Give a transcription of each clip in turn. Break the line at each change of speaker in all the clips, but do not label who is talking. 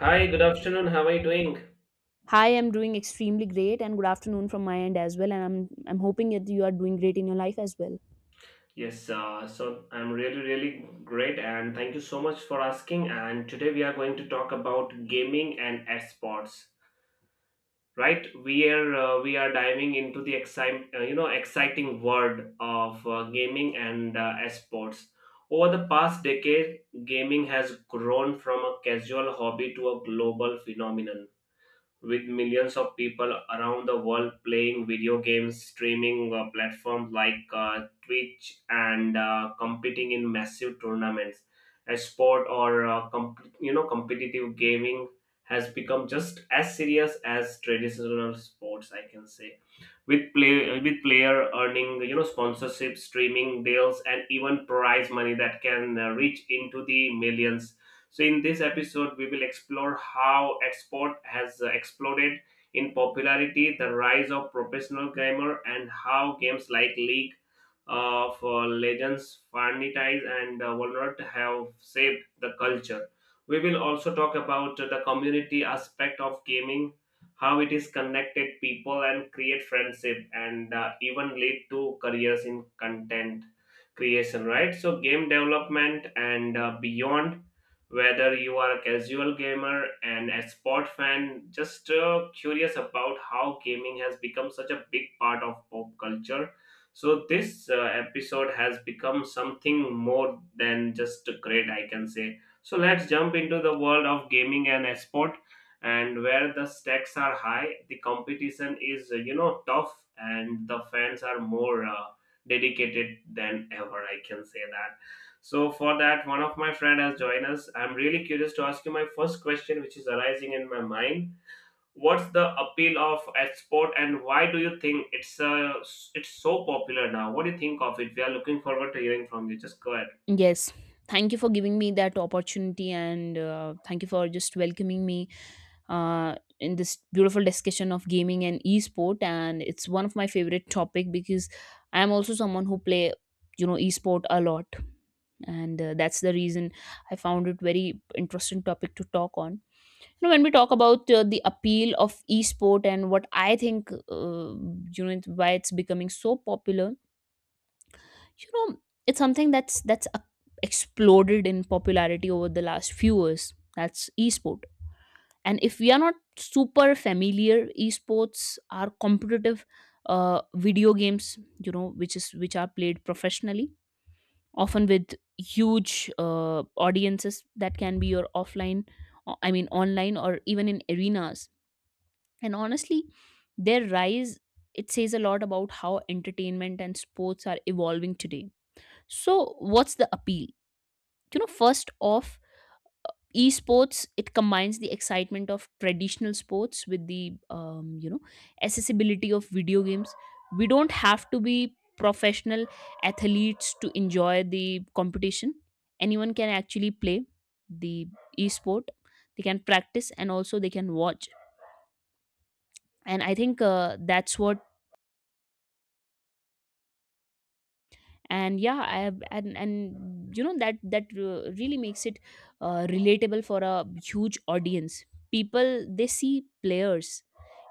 Hi, good afternoon. How are you doing?
Hi, I'm doing extremely great, and good afternoon from my end as well. And I'm hoping that you are doing great in your life as well.
Yes, so I'm really, really great, and thank you so much for asking. And today we are going to talk about gaming and esports, right? We are diving into the exciting, exciting world of gaming and esports. Over the past decade, gaming has grown from a casual hobby to a global phenomenon with millions of people around the world playing video games, streaming platforms like Twitch, and competing in massive tournaments. A sport or competitive gaming has become just as serious as traditional sports, I can say, with player earning, you know, sponsorship, streaming deals, and even prize money that can reach into the millions. So in this episode we will explore how export has exploded in popularity, the rise of professional gamer, and how games like league of legends, vanities, and walnut have shaped the culture. We will also talk about the community aspect of gaming, how it is connected people and create friendship, and even lead to careers in content creation. Right? So game development and beyond. Whether you are a casual gamer and a sport fan, just curious about how gaming has become such a big part of pop culture, so this episode has become something more than just great, I can say. So let's jump into the world of gaming and esport, and where the stakes are high, the competition is tough, and the fans are more dedicated than ever. I can say that. So for that, one of my friend has joined us. I'm really curious to ask you my first question, which is arising in my mind. What's the appeal of export, and why do you think it's so popular now? What do you think of it? We are looking forward to hearing from you. Just go ahead.
Yes, thank you for giving me that opportunity, and thank you for just welcoming me uh, in this beautiful discussion of gaming and esport. And it's one of my favorite topic because I am also someone who play you know esport a lot, and that's the reason I found it very interesting topic to talk on. You know, when we talk about the appeal of esport and what I think, you know, why it's becoming so popular, you know, it's something that's exploded in popularity over the last few years. That's esport, and if we are not super familiar, esports are competitive video games, you know, which are played professionally, often with huge audiences that can be your offline, I mean, online or even in arenas. And honestly, their rise, it says a lot about how entertainment and sports are evolving today. So what's the appeal? You know, first off, esports, it combines the excitement of traditional sports with the you know, accessibility of video games. We don't have to be professional athletes to enjoy the competition. Anyone can actually play the esport, they can practice and also they can watch. And I think that's what, and yeah I have, and you know that really makes it relatable for a huge audience. People, they see players,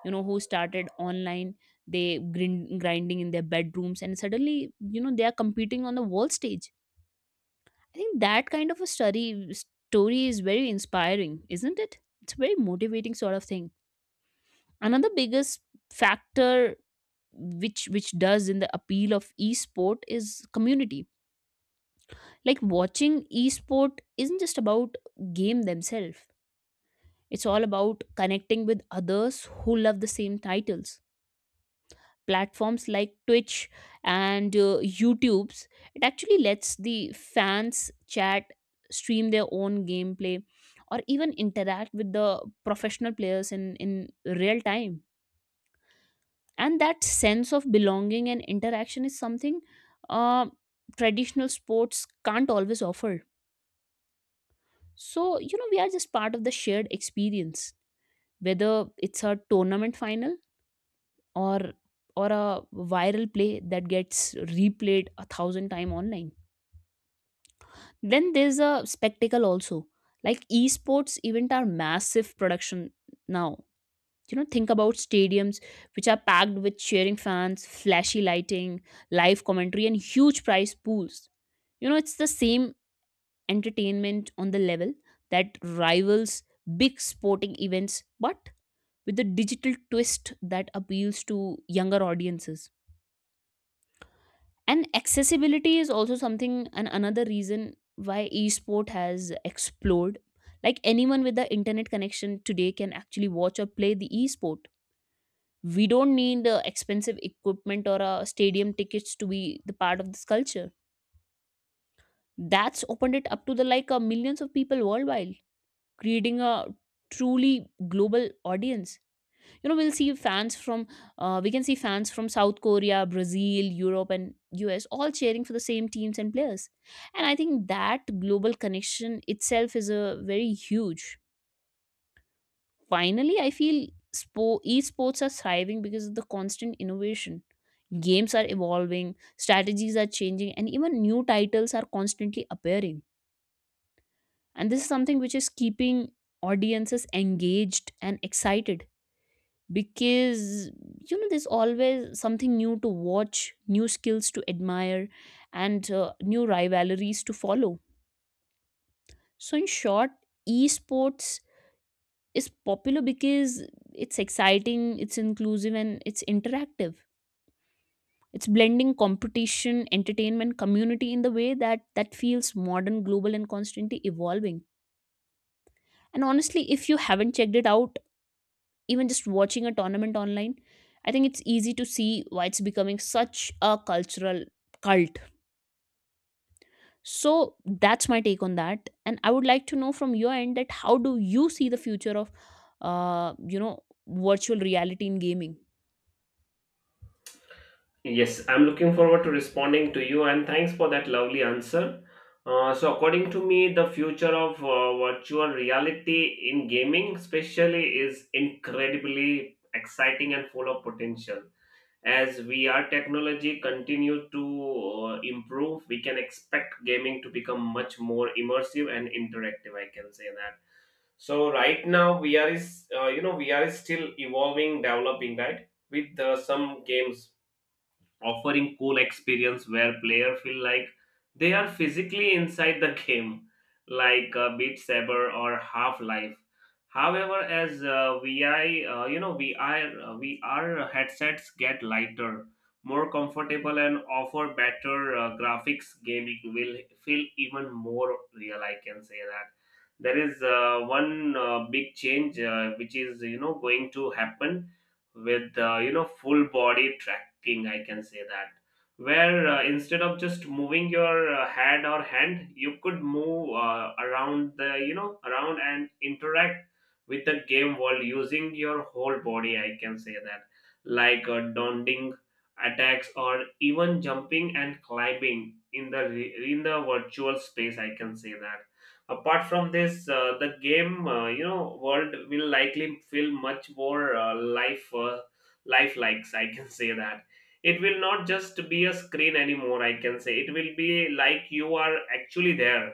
you know, who started online, they grinding in their bedrooms, and suddenly you know they are competing on the world stage. I think that kind of a study story is very inspiring, isn't it? It's a very motivating sort of thing. Another biggest factor which does in the appeal of esport is community. Like watching esport isn't just about game themselves. It's all about connecting with others who love the same titles. Platforms like Twitch and YouTube's, it actually lets the fans chat, stream their own gameplay, or even interact with the professional players in real time. And that sense of belonging and interaction is something uh, traditional sports can't always offer. So, you know, we are just part of the shared experience, whether it's a tournament final or or a viral play that gets replayed a thousand times online. Then there's a spectacle also. Like esports event are massive production now. You know, think about stadiums which are packed with cheering fans, flashy lighting, live commentary, and huge prize pools. You know, it's the same entertainment on the level that rivals big sporting events, but with a digital twist that appeals to younger audiences. And accessibility is also something and another reason why esport has explored. Like anyone with the internet connection today can actually watch or play the esport. We don't need expensive equipment or stadium tickets to be the part of this culture. That's opened it up to the like millions of people worldwide, creating a truly global audience. You know, we'll see fans from we can see fans from South Korea, Brazil, Europe, and US all cheering for the same teams and players. And I think that global connection itself is a very huge. Finally, I feel esports are thriving because of the constant innovation. Games are evolving, strategies are changing, and even new titles are constantly appearing. And this is something which is keeping audiences engaged and excited, because you know there's always something new to watch, new skills to admire, and new rivalries to follow. So in short, esports is popular because it's exciting, it's inclusive, and it's interactive. It's blending competition, entertainment, community in the way that feels modern, global, and constantly evolving. And honestly, if you haven't checked it out, even just watching a tournament online, I think it's easy to see why it's becoming such a cultural cult. So that's my take on that, and I would like to know from your end that how do you see the future of you know virtual reality in gaming.
Yes, I'm looking forward to responding to you, and thanks for that lovely answer. So, according to me, the future of virtual reality in gaming, especially, is incredibly exciting and full of potential. As VR technology continues to improve, we can expect gaming to become much more immersive and interactive. I can say that. So right now VR is still evolving, developing, right? With some games offering cool experience where player feel like they are physically inside the game, like beat saber or half life. However, as vi you know vr VR headsets get lighter, more comfortable, and offer better graphics, gaming will feel even more real, I can say that. There is one big change, which is, you know, going to happen with, full body tracking, I can say that, where, instead of just moving your head or hand, you could move around and interact with the game world using your whole body, I can say that. Like dodging attacks or even jumping and climbing in in the virtual space, I can say that. Apart from this, the game world will likely feel much more lifelikes. I can say that. It will not just be a screen anymore. I can say it will be like you are actually there.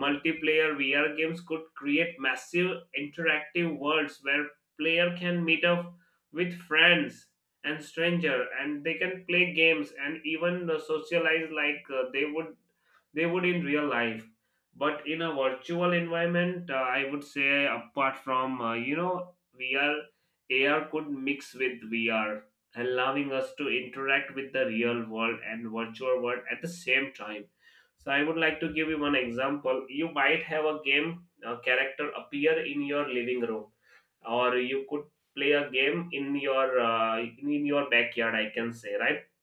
Multiplayer VR games could create massive interactive worlds where player can meet up with friends and stranger, and they can play games and even socialize like they would in real life, but in a virtual environment. I would say, apart from, VR, AR could mix with VR, allowing us to interact with the real world and virtual world at the same time. So I would like to give you one example. You might have a game character appear in your living room, or you could play a game in your backyard, I can say, right?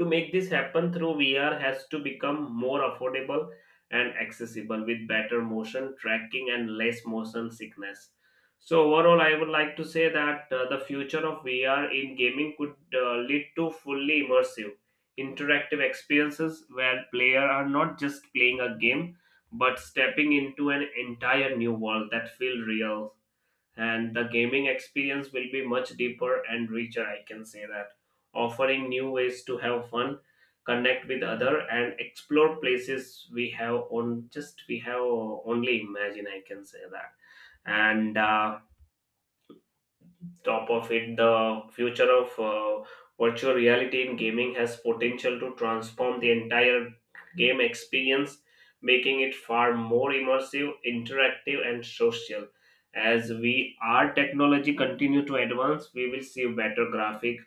To make this happen through, VR has to become more affordable and accessible with better motion tracking and less motion sickness. So overall, I would like to say that the future of VR in gaming could lead to fully immersive, interactive experiences where players are not just playing a game but stepping into an entire new world that feels real, and the gaming experience will be much deeper and richer, I can say that, offering new ways to have fun, connect with other, and explore places we have on, just we have only imagine, I can say that. And top of it, the future of virtual reality in gaming has potential to transform the entire game experience, making it far more immersive, interactive, and social. As we our technology continue to advance, we will see better graphic,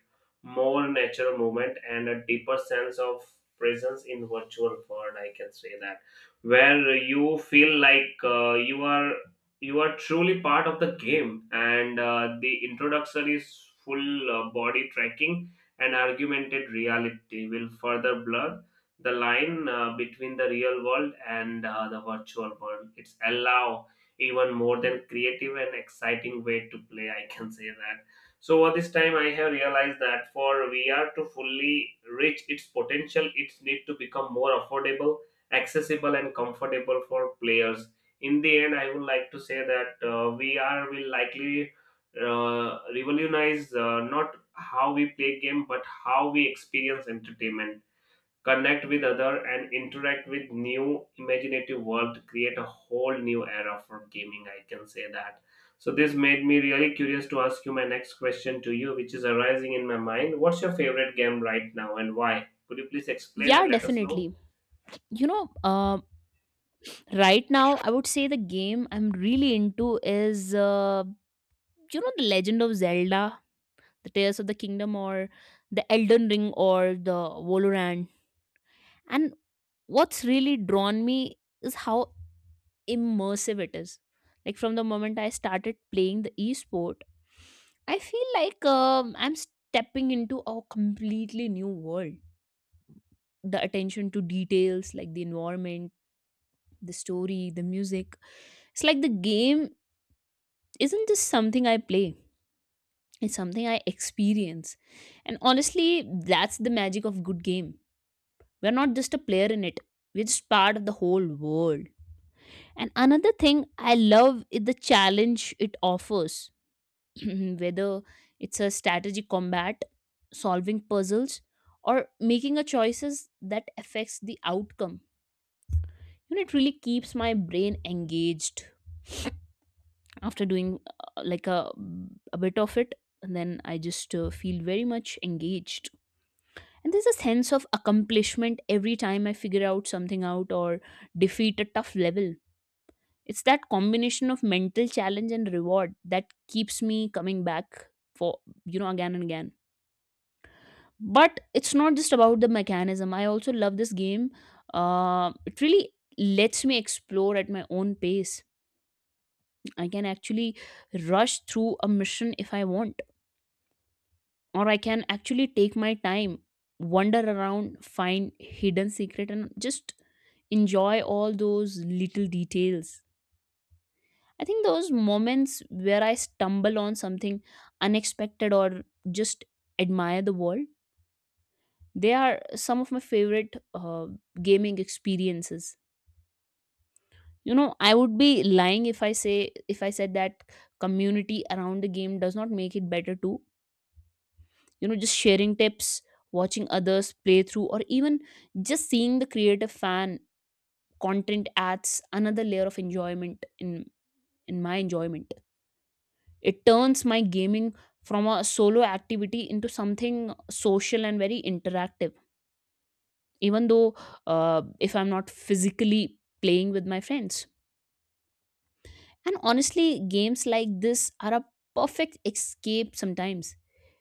more natural movement, and a deeper sense of presence in virtual world. I can say that, where you feel like you are truly part of the game. And the introduction is full body tracking, and augmented reality will further blur the line, between the real world and the virtual world. It's allow even more than creative and exciting way to play, I can say that. So over this time I have realized that for VR to fully reach its potential, it needs to become more affordable, accessible, and comfortable for players. In the end, I would like to say that we will likely revolutionize, not how we play game, but how we experience entertainment, connect with other, and interact with new imaginative world. Create a whole new era for gaming. I can say that. So this made me really curious to ask you my next question to you, which is arising in my mind. What's your favorite game right now, and why? Could you please explain
Yeah,
and let us know?
definitely. You know, uh, right now, I would say the game I'm really into is, you know, The Legend of Zelda, The Tears of the Kingdom, or The Elden Ring, or The Valorant. And what's really drawn me is how immersive it is. Like from the moment I started playing the esport, I feel like I'm stepping into a completely new world. The attention to details, like the environment, the story, the music, it's like the game isn't just something I play, it's something I experience. And honestly, that's the magic of good game. We're not just a player in it, we're just part of the whole world. And another thing I love is the challenge it offers, whether it's a strategy combat, solving puzzles, or making a choices that affects the outcome. You know, it really keeps my brain engaged after doing like a bit of it. And then I just feel very much engaged. And there's a sense of accomplishment every time I figure out something out or defeat a tough level. It's that combination of mental challenge and reward that keeps me coming back for, you know, again and again. But it's not just about the mechanism. I also love this game. It really lets me explore at my own pace. I can actually rush through a mission if I want, or I can actually take my time, wander around, find hidden secret, and just enjoy all those little details. I think those moments where I stumble on something unexpected or just admire the world, they are some of my favorite gaming experiences. You know, I would be lying if I say if I said that community around the game does not make it better too. You know, just sharing tips, watching others play through, or even just seeing the creative fan content adds another layer of enjoyment in my enjoyment. It turns my gaming from a solo activity into something social and very interactive, even though if I'm not physically playing with my friends. And honestly, games like this are a perfect escape sometimes,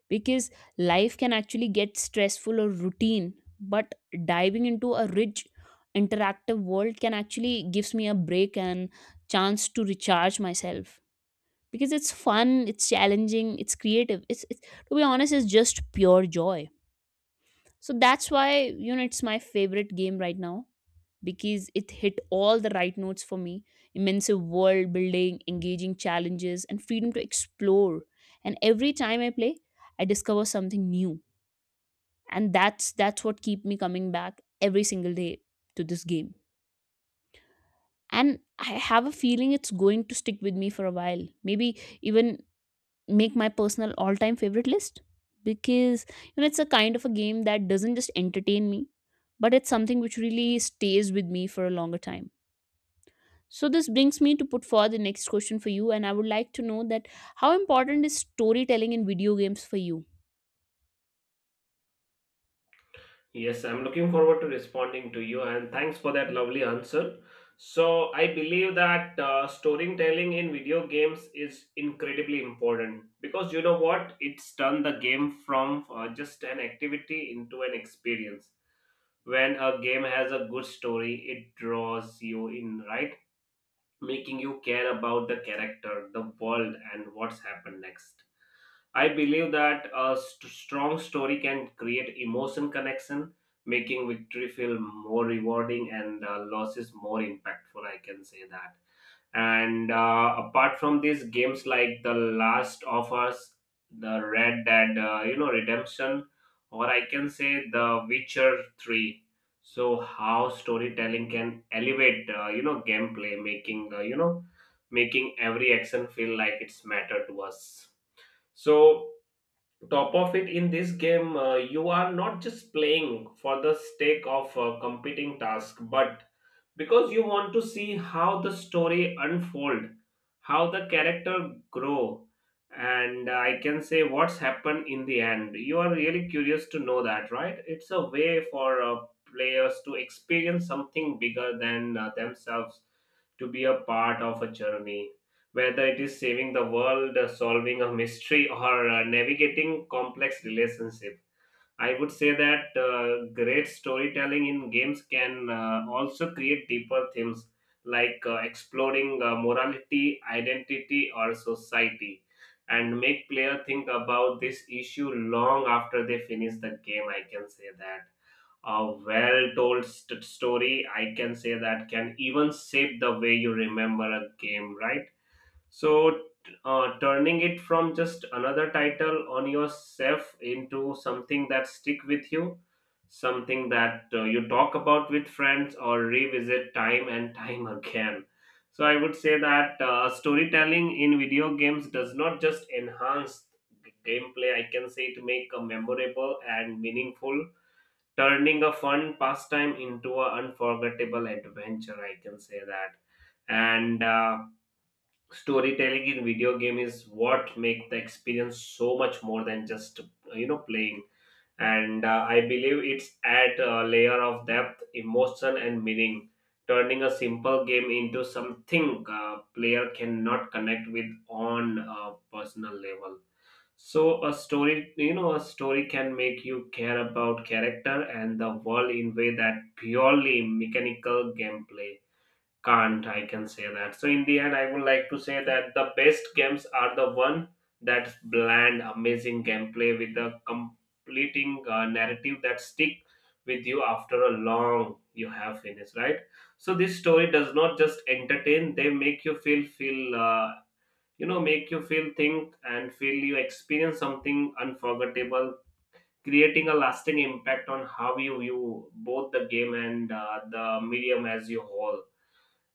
because life can actually get stressful or routine, but diving into a rich, interactive world can actually gives me a break and chance to recharge myself, because it's fun, it's challenging, it's creative. It's, to be honest, it's just pure joy. So that's why you know it's my favorite game right now, because it hit all the right notes for me. Immense world building, engaging challenges, and freedom to explore. And every time I play, I discover something new, and that's what keep me coming back every single day to this game. And I have a feeling it's going to stick with me for a while. Maybe even make my personal all-time favorite list, because you know it's a kind of a game that doesn't just entertain me, but it's something which really stays with me for a longer time. So this brings me to put forward the next question for you, and I would like to know that how important is storytelling in video games for you.
Yes, I'm looking forward to responding to you, and thanks for that lovely answer. So, I believe that storytelling in video games is incredibly important because, you know what? It's turned the game from just an activity into an experience. When a game has a good story, it draws you in, right? Making you care about the character, the world, and what's happened next. I believe that strong story can create emotion connection, making victory feel more rewarding and losses more impactful. I can say that. And apart from these games like The Last of Us, The Red Dead, Redemption, or I can say The Witcher Three. So how storytelling can elevate, gameplay, making, making every action feel like it's matter to us. So top of it in this game, you are not just playing for the stake of competing task, but because you want to see how the story unfold, how the character grow, and I can say what's happened in the end. You are really curious to know that, right? It's a way for players to experience something bigger than themselves, to be a part of a journey, whether it is saving the world, solving a mystery, or navigating complex relationships. I would say that great storytelling in games can also create deeper themes, like exploring morality, identity, or society, and make player think about this issue long after they finish the game. I can say that. A well-told story, I can say that, can even shape the way you remember a game, right? So, turning it from just another title on yourself into something that stick with you, something that you talk about with friends or revisit time and time again. So, I would say that storytelling in video games does not just enhance gameplay. I can say to make a memorable and meaningful, turning a fun pastime into an unforgettable adventure. I can say that, and. Storytelling in video game is what make the experience so much more than just, you know, playing. And I believe it's add a layer of depth, emotion, and meaning, turning a simple game into something player cannot connect with on a personal level. So a story, you know, a story can make you care about character and the world in way that purely mechanical gameplay can't, I can say that. So in the end, I would like to say that the best games are the one that bland, amazing gameplay with a completing narrative that stick with you after a long you have finished, right? So this story does not just entertain; they make you feel feel. Make you feel think and feel you experience something unforgettable, creating a lasting impact on how you view both the game and the medium as you whole,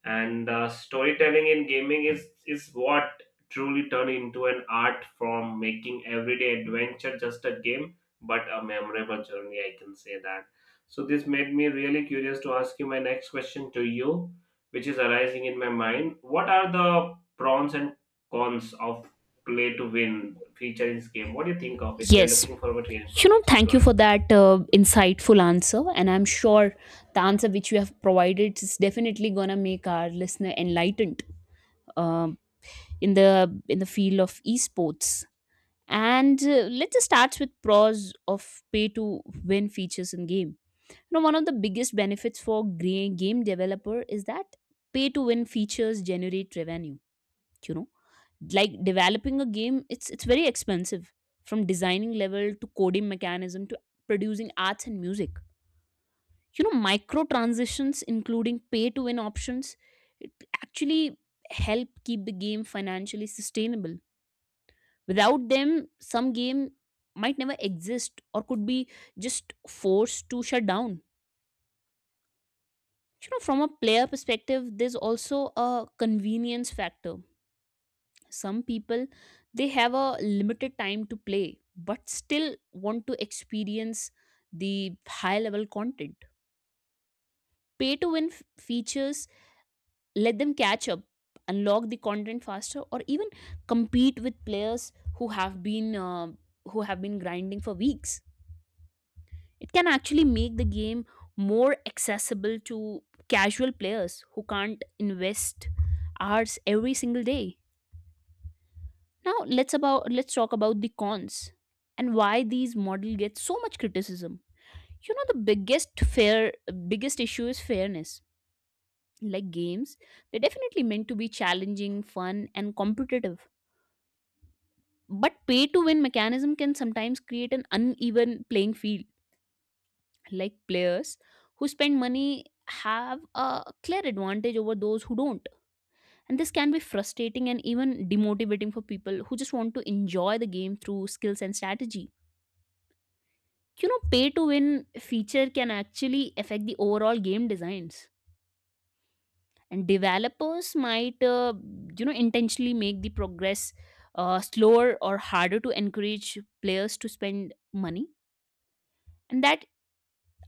and storytelling in gaming is what truly turned into an art form, making everyday adventure just a game but a memorable journey, I can say that. So this made me really curious to ask you my next question to you, which is arising in my mind. What are the pros and cons of play to win feature in this game? What do you think of it? We are
Yes,
looking forward to hearing
you
from
know,
you. Just go
thank you
ahead.
for that insightful answer, and I'm sure the answer which you have provided is definitely going to make our listener enlightened um, in the field of esports. And let's just start with pros of pay to win features in game. You know, one of the biggest benefits for game developer is that pay to win features generate revenue. You know, like developing a game, it's very expensive, from designing level to coding mechanism to producing arts and music. You know, micro transitions including pay to win options, it actually help keep the game financially sustainable. Without them, some game might never exist or could be just forced to shut down. You know, from a player perspective, there's also a convenience factor. Some people, they have a limited time to play but still want to experience the high level content. Pay to win features let them catch up, unlock the content faster, or even compete with players who have been grinding for weeks. It can actually make the game more accessible to casual players who can't invest hours every single day. Now let's talk about the cons and why these model get so much criticism. You know the biggest issue is fairness. Like games, they're definitely meant to be challenging, fun and competitive. But pay to win mechanism can sometimes create an uneven playing field, like players who spend money have a clear advantage over those who don't, and this can be frustrating and even demotivating for people who just want to enjoy the game through skills and strategy. You know, pay to win feature can actually affect the overall game designs, and developers might intentionally make the progress slower or harder to encourage players to spend money, and that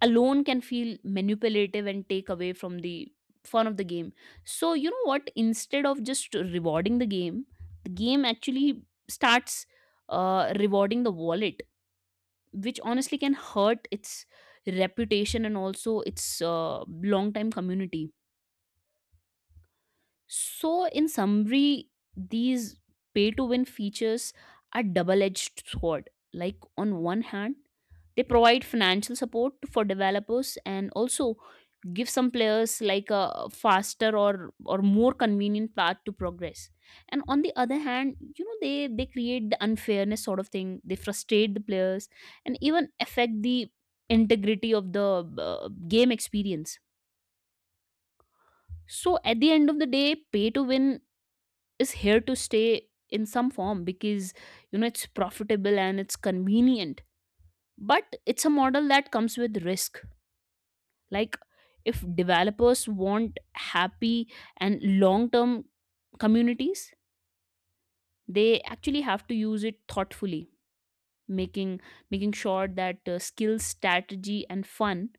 alone can feel manipulative and take away from the fun of the game. So, you know what? Instead of just rewarding the game actually starts rewarding the wallet, which honestly can hurt its reputation and also its long time community. So, in summary, these pay to win features are double edged sword. Like, on one hand, they provide financial support for developers and also give some players like a faster or more convenient path to progress. And on the other hand, you know, they create the unfairness sort of thing. They frustrate the players and even affect the integrity of the game experience. So at the end of the day, pay to win is here to stay in some form because you know it's profitable and it's convenient, but it's a model that comes with risk. Like, if developers want happy and long term communities, they actually have to use it thoughtfully, making making sure that skills, strategy and fun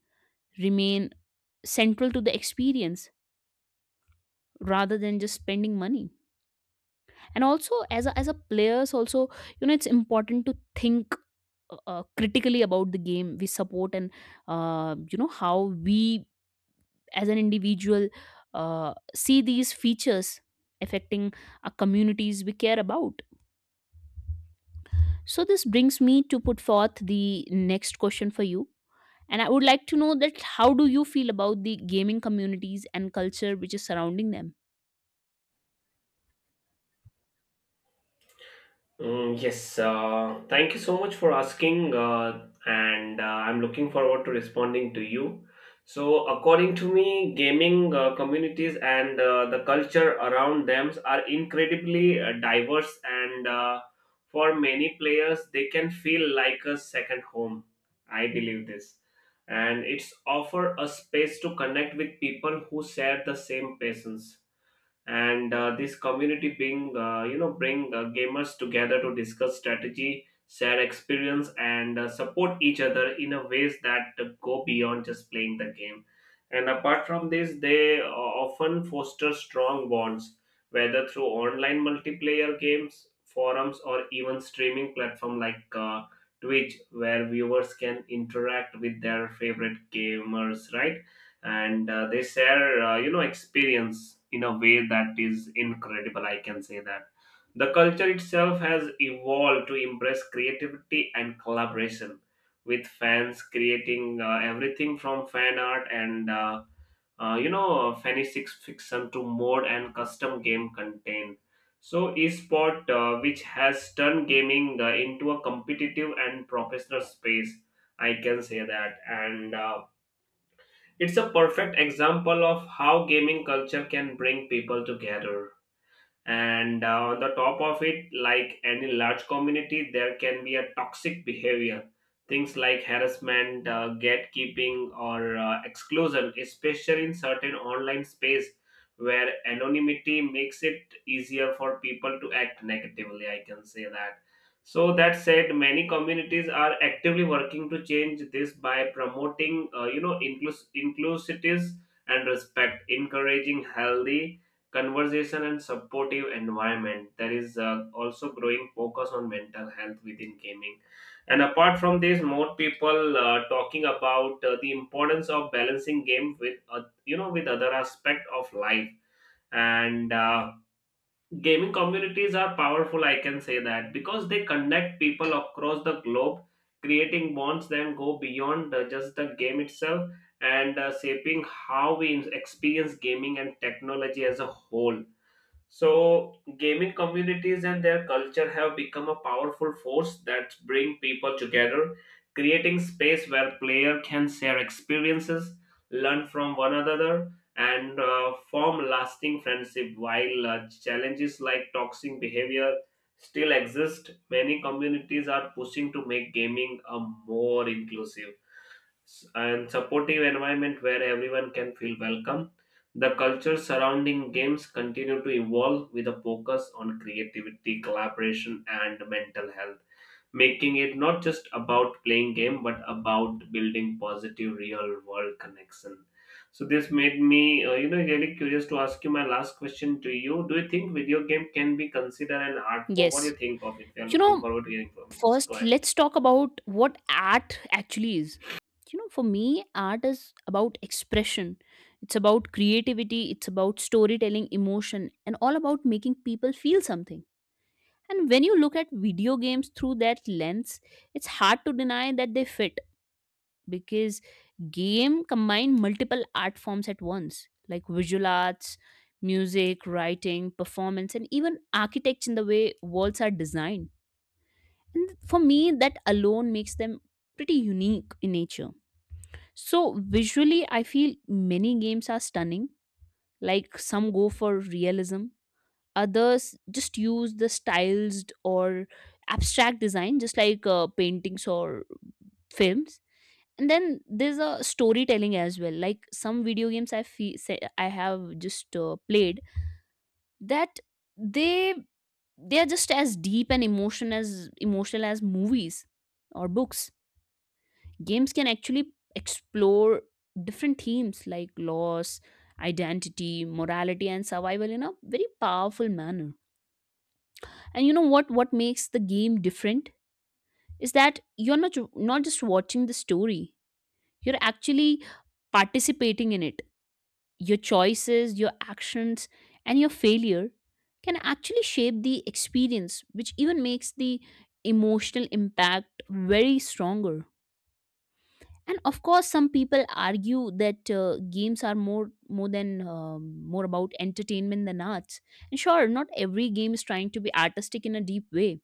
remain central to the experience rather than just spending money. And also as a players also, you know, it's important to think critically about the game we support and how we as an individual see these features affecting our communities we care about. So this brings me to put forth the next question for you, and I would like to know that how do you feel about the gaming communities and culture which is surrounding them?
Mm, yes, thank you so much for asking, and I'm looking forward to responding to you. So, according to me, gaming communities and the culture around them are incredibly diverse, and for many players, they can feel like a second home. I believe this, and it's offer a space to connect with people who share the same passions, and this community being bring gamers together to discuss strategy, share experience, and support each other in a ways that go beyond just playing the game. And apart from this, they often foster strong bonds, whether through online multiplayer games, forums, or even streaming platform like Twitch, where viewers can interact with their favorite gamers, right? And they share experience in a way that is incredible, I can say that. The culture itself has evolved to embrace creativity and collaboration, with fans creating everything from fan art and fantasy fiction to mode and custom game content. So esport, which has turned gaming into a competitive and professional space, I can say that. And it's a perfect example of how gaming culture can bring people together. And on the top of it, like any large community, there can be a toxic behavior, things like harassment, gatekeeping, or exclusion, especially in certain online space where anonymity makes it easier for people to act negatively, I can say that. So that said, many communities are actively working to change this by promoting inclusivities and respect, encouraging healthy conversation and supportive environment. There is also growing focus on mental health within gaming. And apart from this, more people talking about the importance of balancing game with with other aspect of life. And gaming communities are powerful, I can say that, because they connect people across the globe, creating bonds that go beyond just the game itself and shaping how we experience gaming and technology as a whole. So, gaming communities and their culture have become a powerful force that bring people together, creating space where player can share experiences, learn from one another, and form lasting friendship. While challenges like toxic behavior still exist, many communities are pushing to make gaming a more inclusive and supportive environment where everyone can feel welcome. The culture surrounding games continue to evolve with a focus on creativity, collaboration, and mental health, making it not just about playing game but about building positive real world connection. So this made me, really curious to ask you my last question to you. Do you think video game can be considered an art form? What do
Yes.
you think of it? We are
You
looking
know,
forward to hearing from you. Just go
first
ahead.
let's talk about what art actually is. You know, for me, art is about expression. It's about creativity, it's about storytelling, emotion, and all about making people feel something. And when you look at video games through that lens, it's hard to deny that they fit, because game combine multiple art forms at once, like visual arts, music, writing, performance, and even architecture in the way worlds are designed. And for me, that alone makes them pretty unique in nature. So visually, I feel many games are stunning. Like, some go for realism, others just use the stylized or abstract design just like paintings or films. And then there's a storytelling as well. Like some video games, I feel, say I have just played that, they they are just as deep and emotion as emotional as movies or books. Games can actually explore different themes like loss, identity, morality and survival in a very powerful manner. And you know what makes the game different is that you're not not just watching the story. You're actually participating in it. Your choices, your actions and your failure can actually shape the experience, which even makes the emotional impact very stronger. And of course some people argue that games are more than more about entertainment than arts. And sure, not every game is trying to be artistic in a deep way,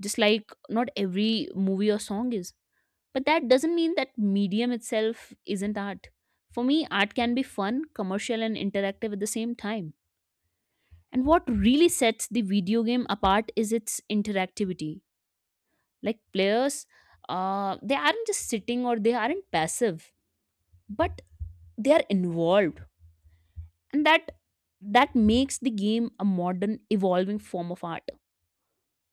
just like not every movie or song is, but that doesn't mean that medium itself isn't art. For me, art can be fun, commercial and interactive at the same time. And what really sets the video game apart is its interactivity. Like players, they aren't just sitting or they aren't passive, but they are involved. And that makes the game a modern evolving form of art,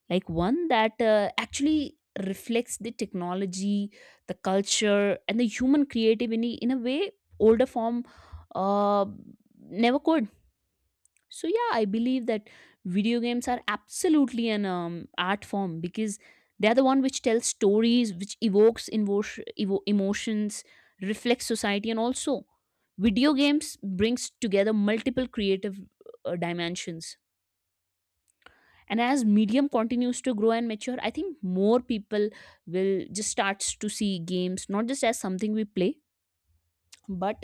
like one that actually reflects the technology, the culture and the human creativity in a way older form uh, never could. So yeah, I believe that video games are absolutely an art form, because they are the one which tells stories, which evokes emotions, reflects society, and also video games brings together multiple creative dimensions. And as medium continues to grow and mature, I think more people will just starts to see games not just as something we play, but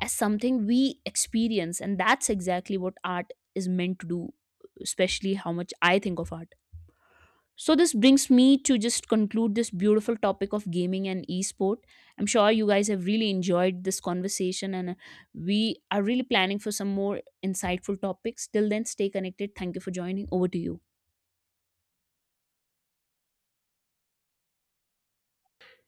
as something we experience. And that's exactly what art is meant to do, especially how much I think of art. So this brings me to just conclude this beautiful topic of gaming and esport. I'm sure you guys have really enjoyed this conversation, and we are really planning for some more insightful topics. Till then, stay connected. Thank you for joining. Over to you.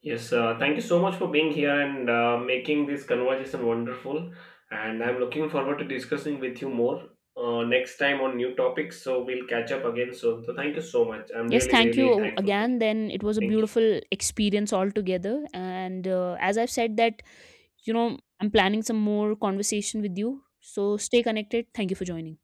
Yes, thank you so much for being here and making this conversation wonderful. And I'm looking forward to discussing with you more next time on new topics. So we'll catch up again soon. So thank you so much. I'm
Yes,
really,
thank
really
you
thankful to
again.
you.
Then it was a
Thank you.
beautiful experience altogether. And as I've said, that you know, I'm planning some more conversation with you. So stay connected. Thank you for joining.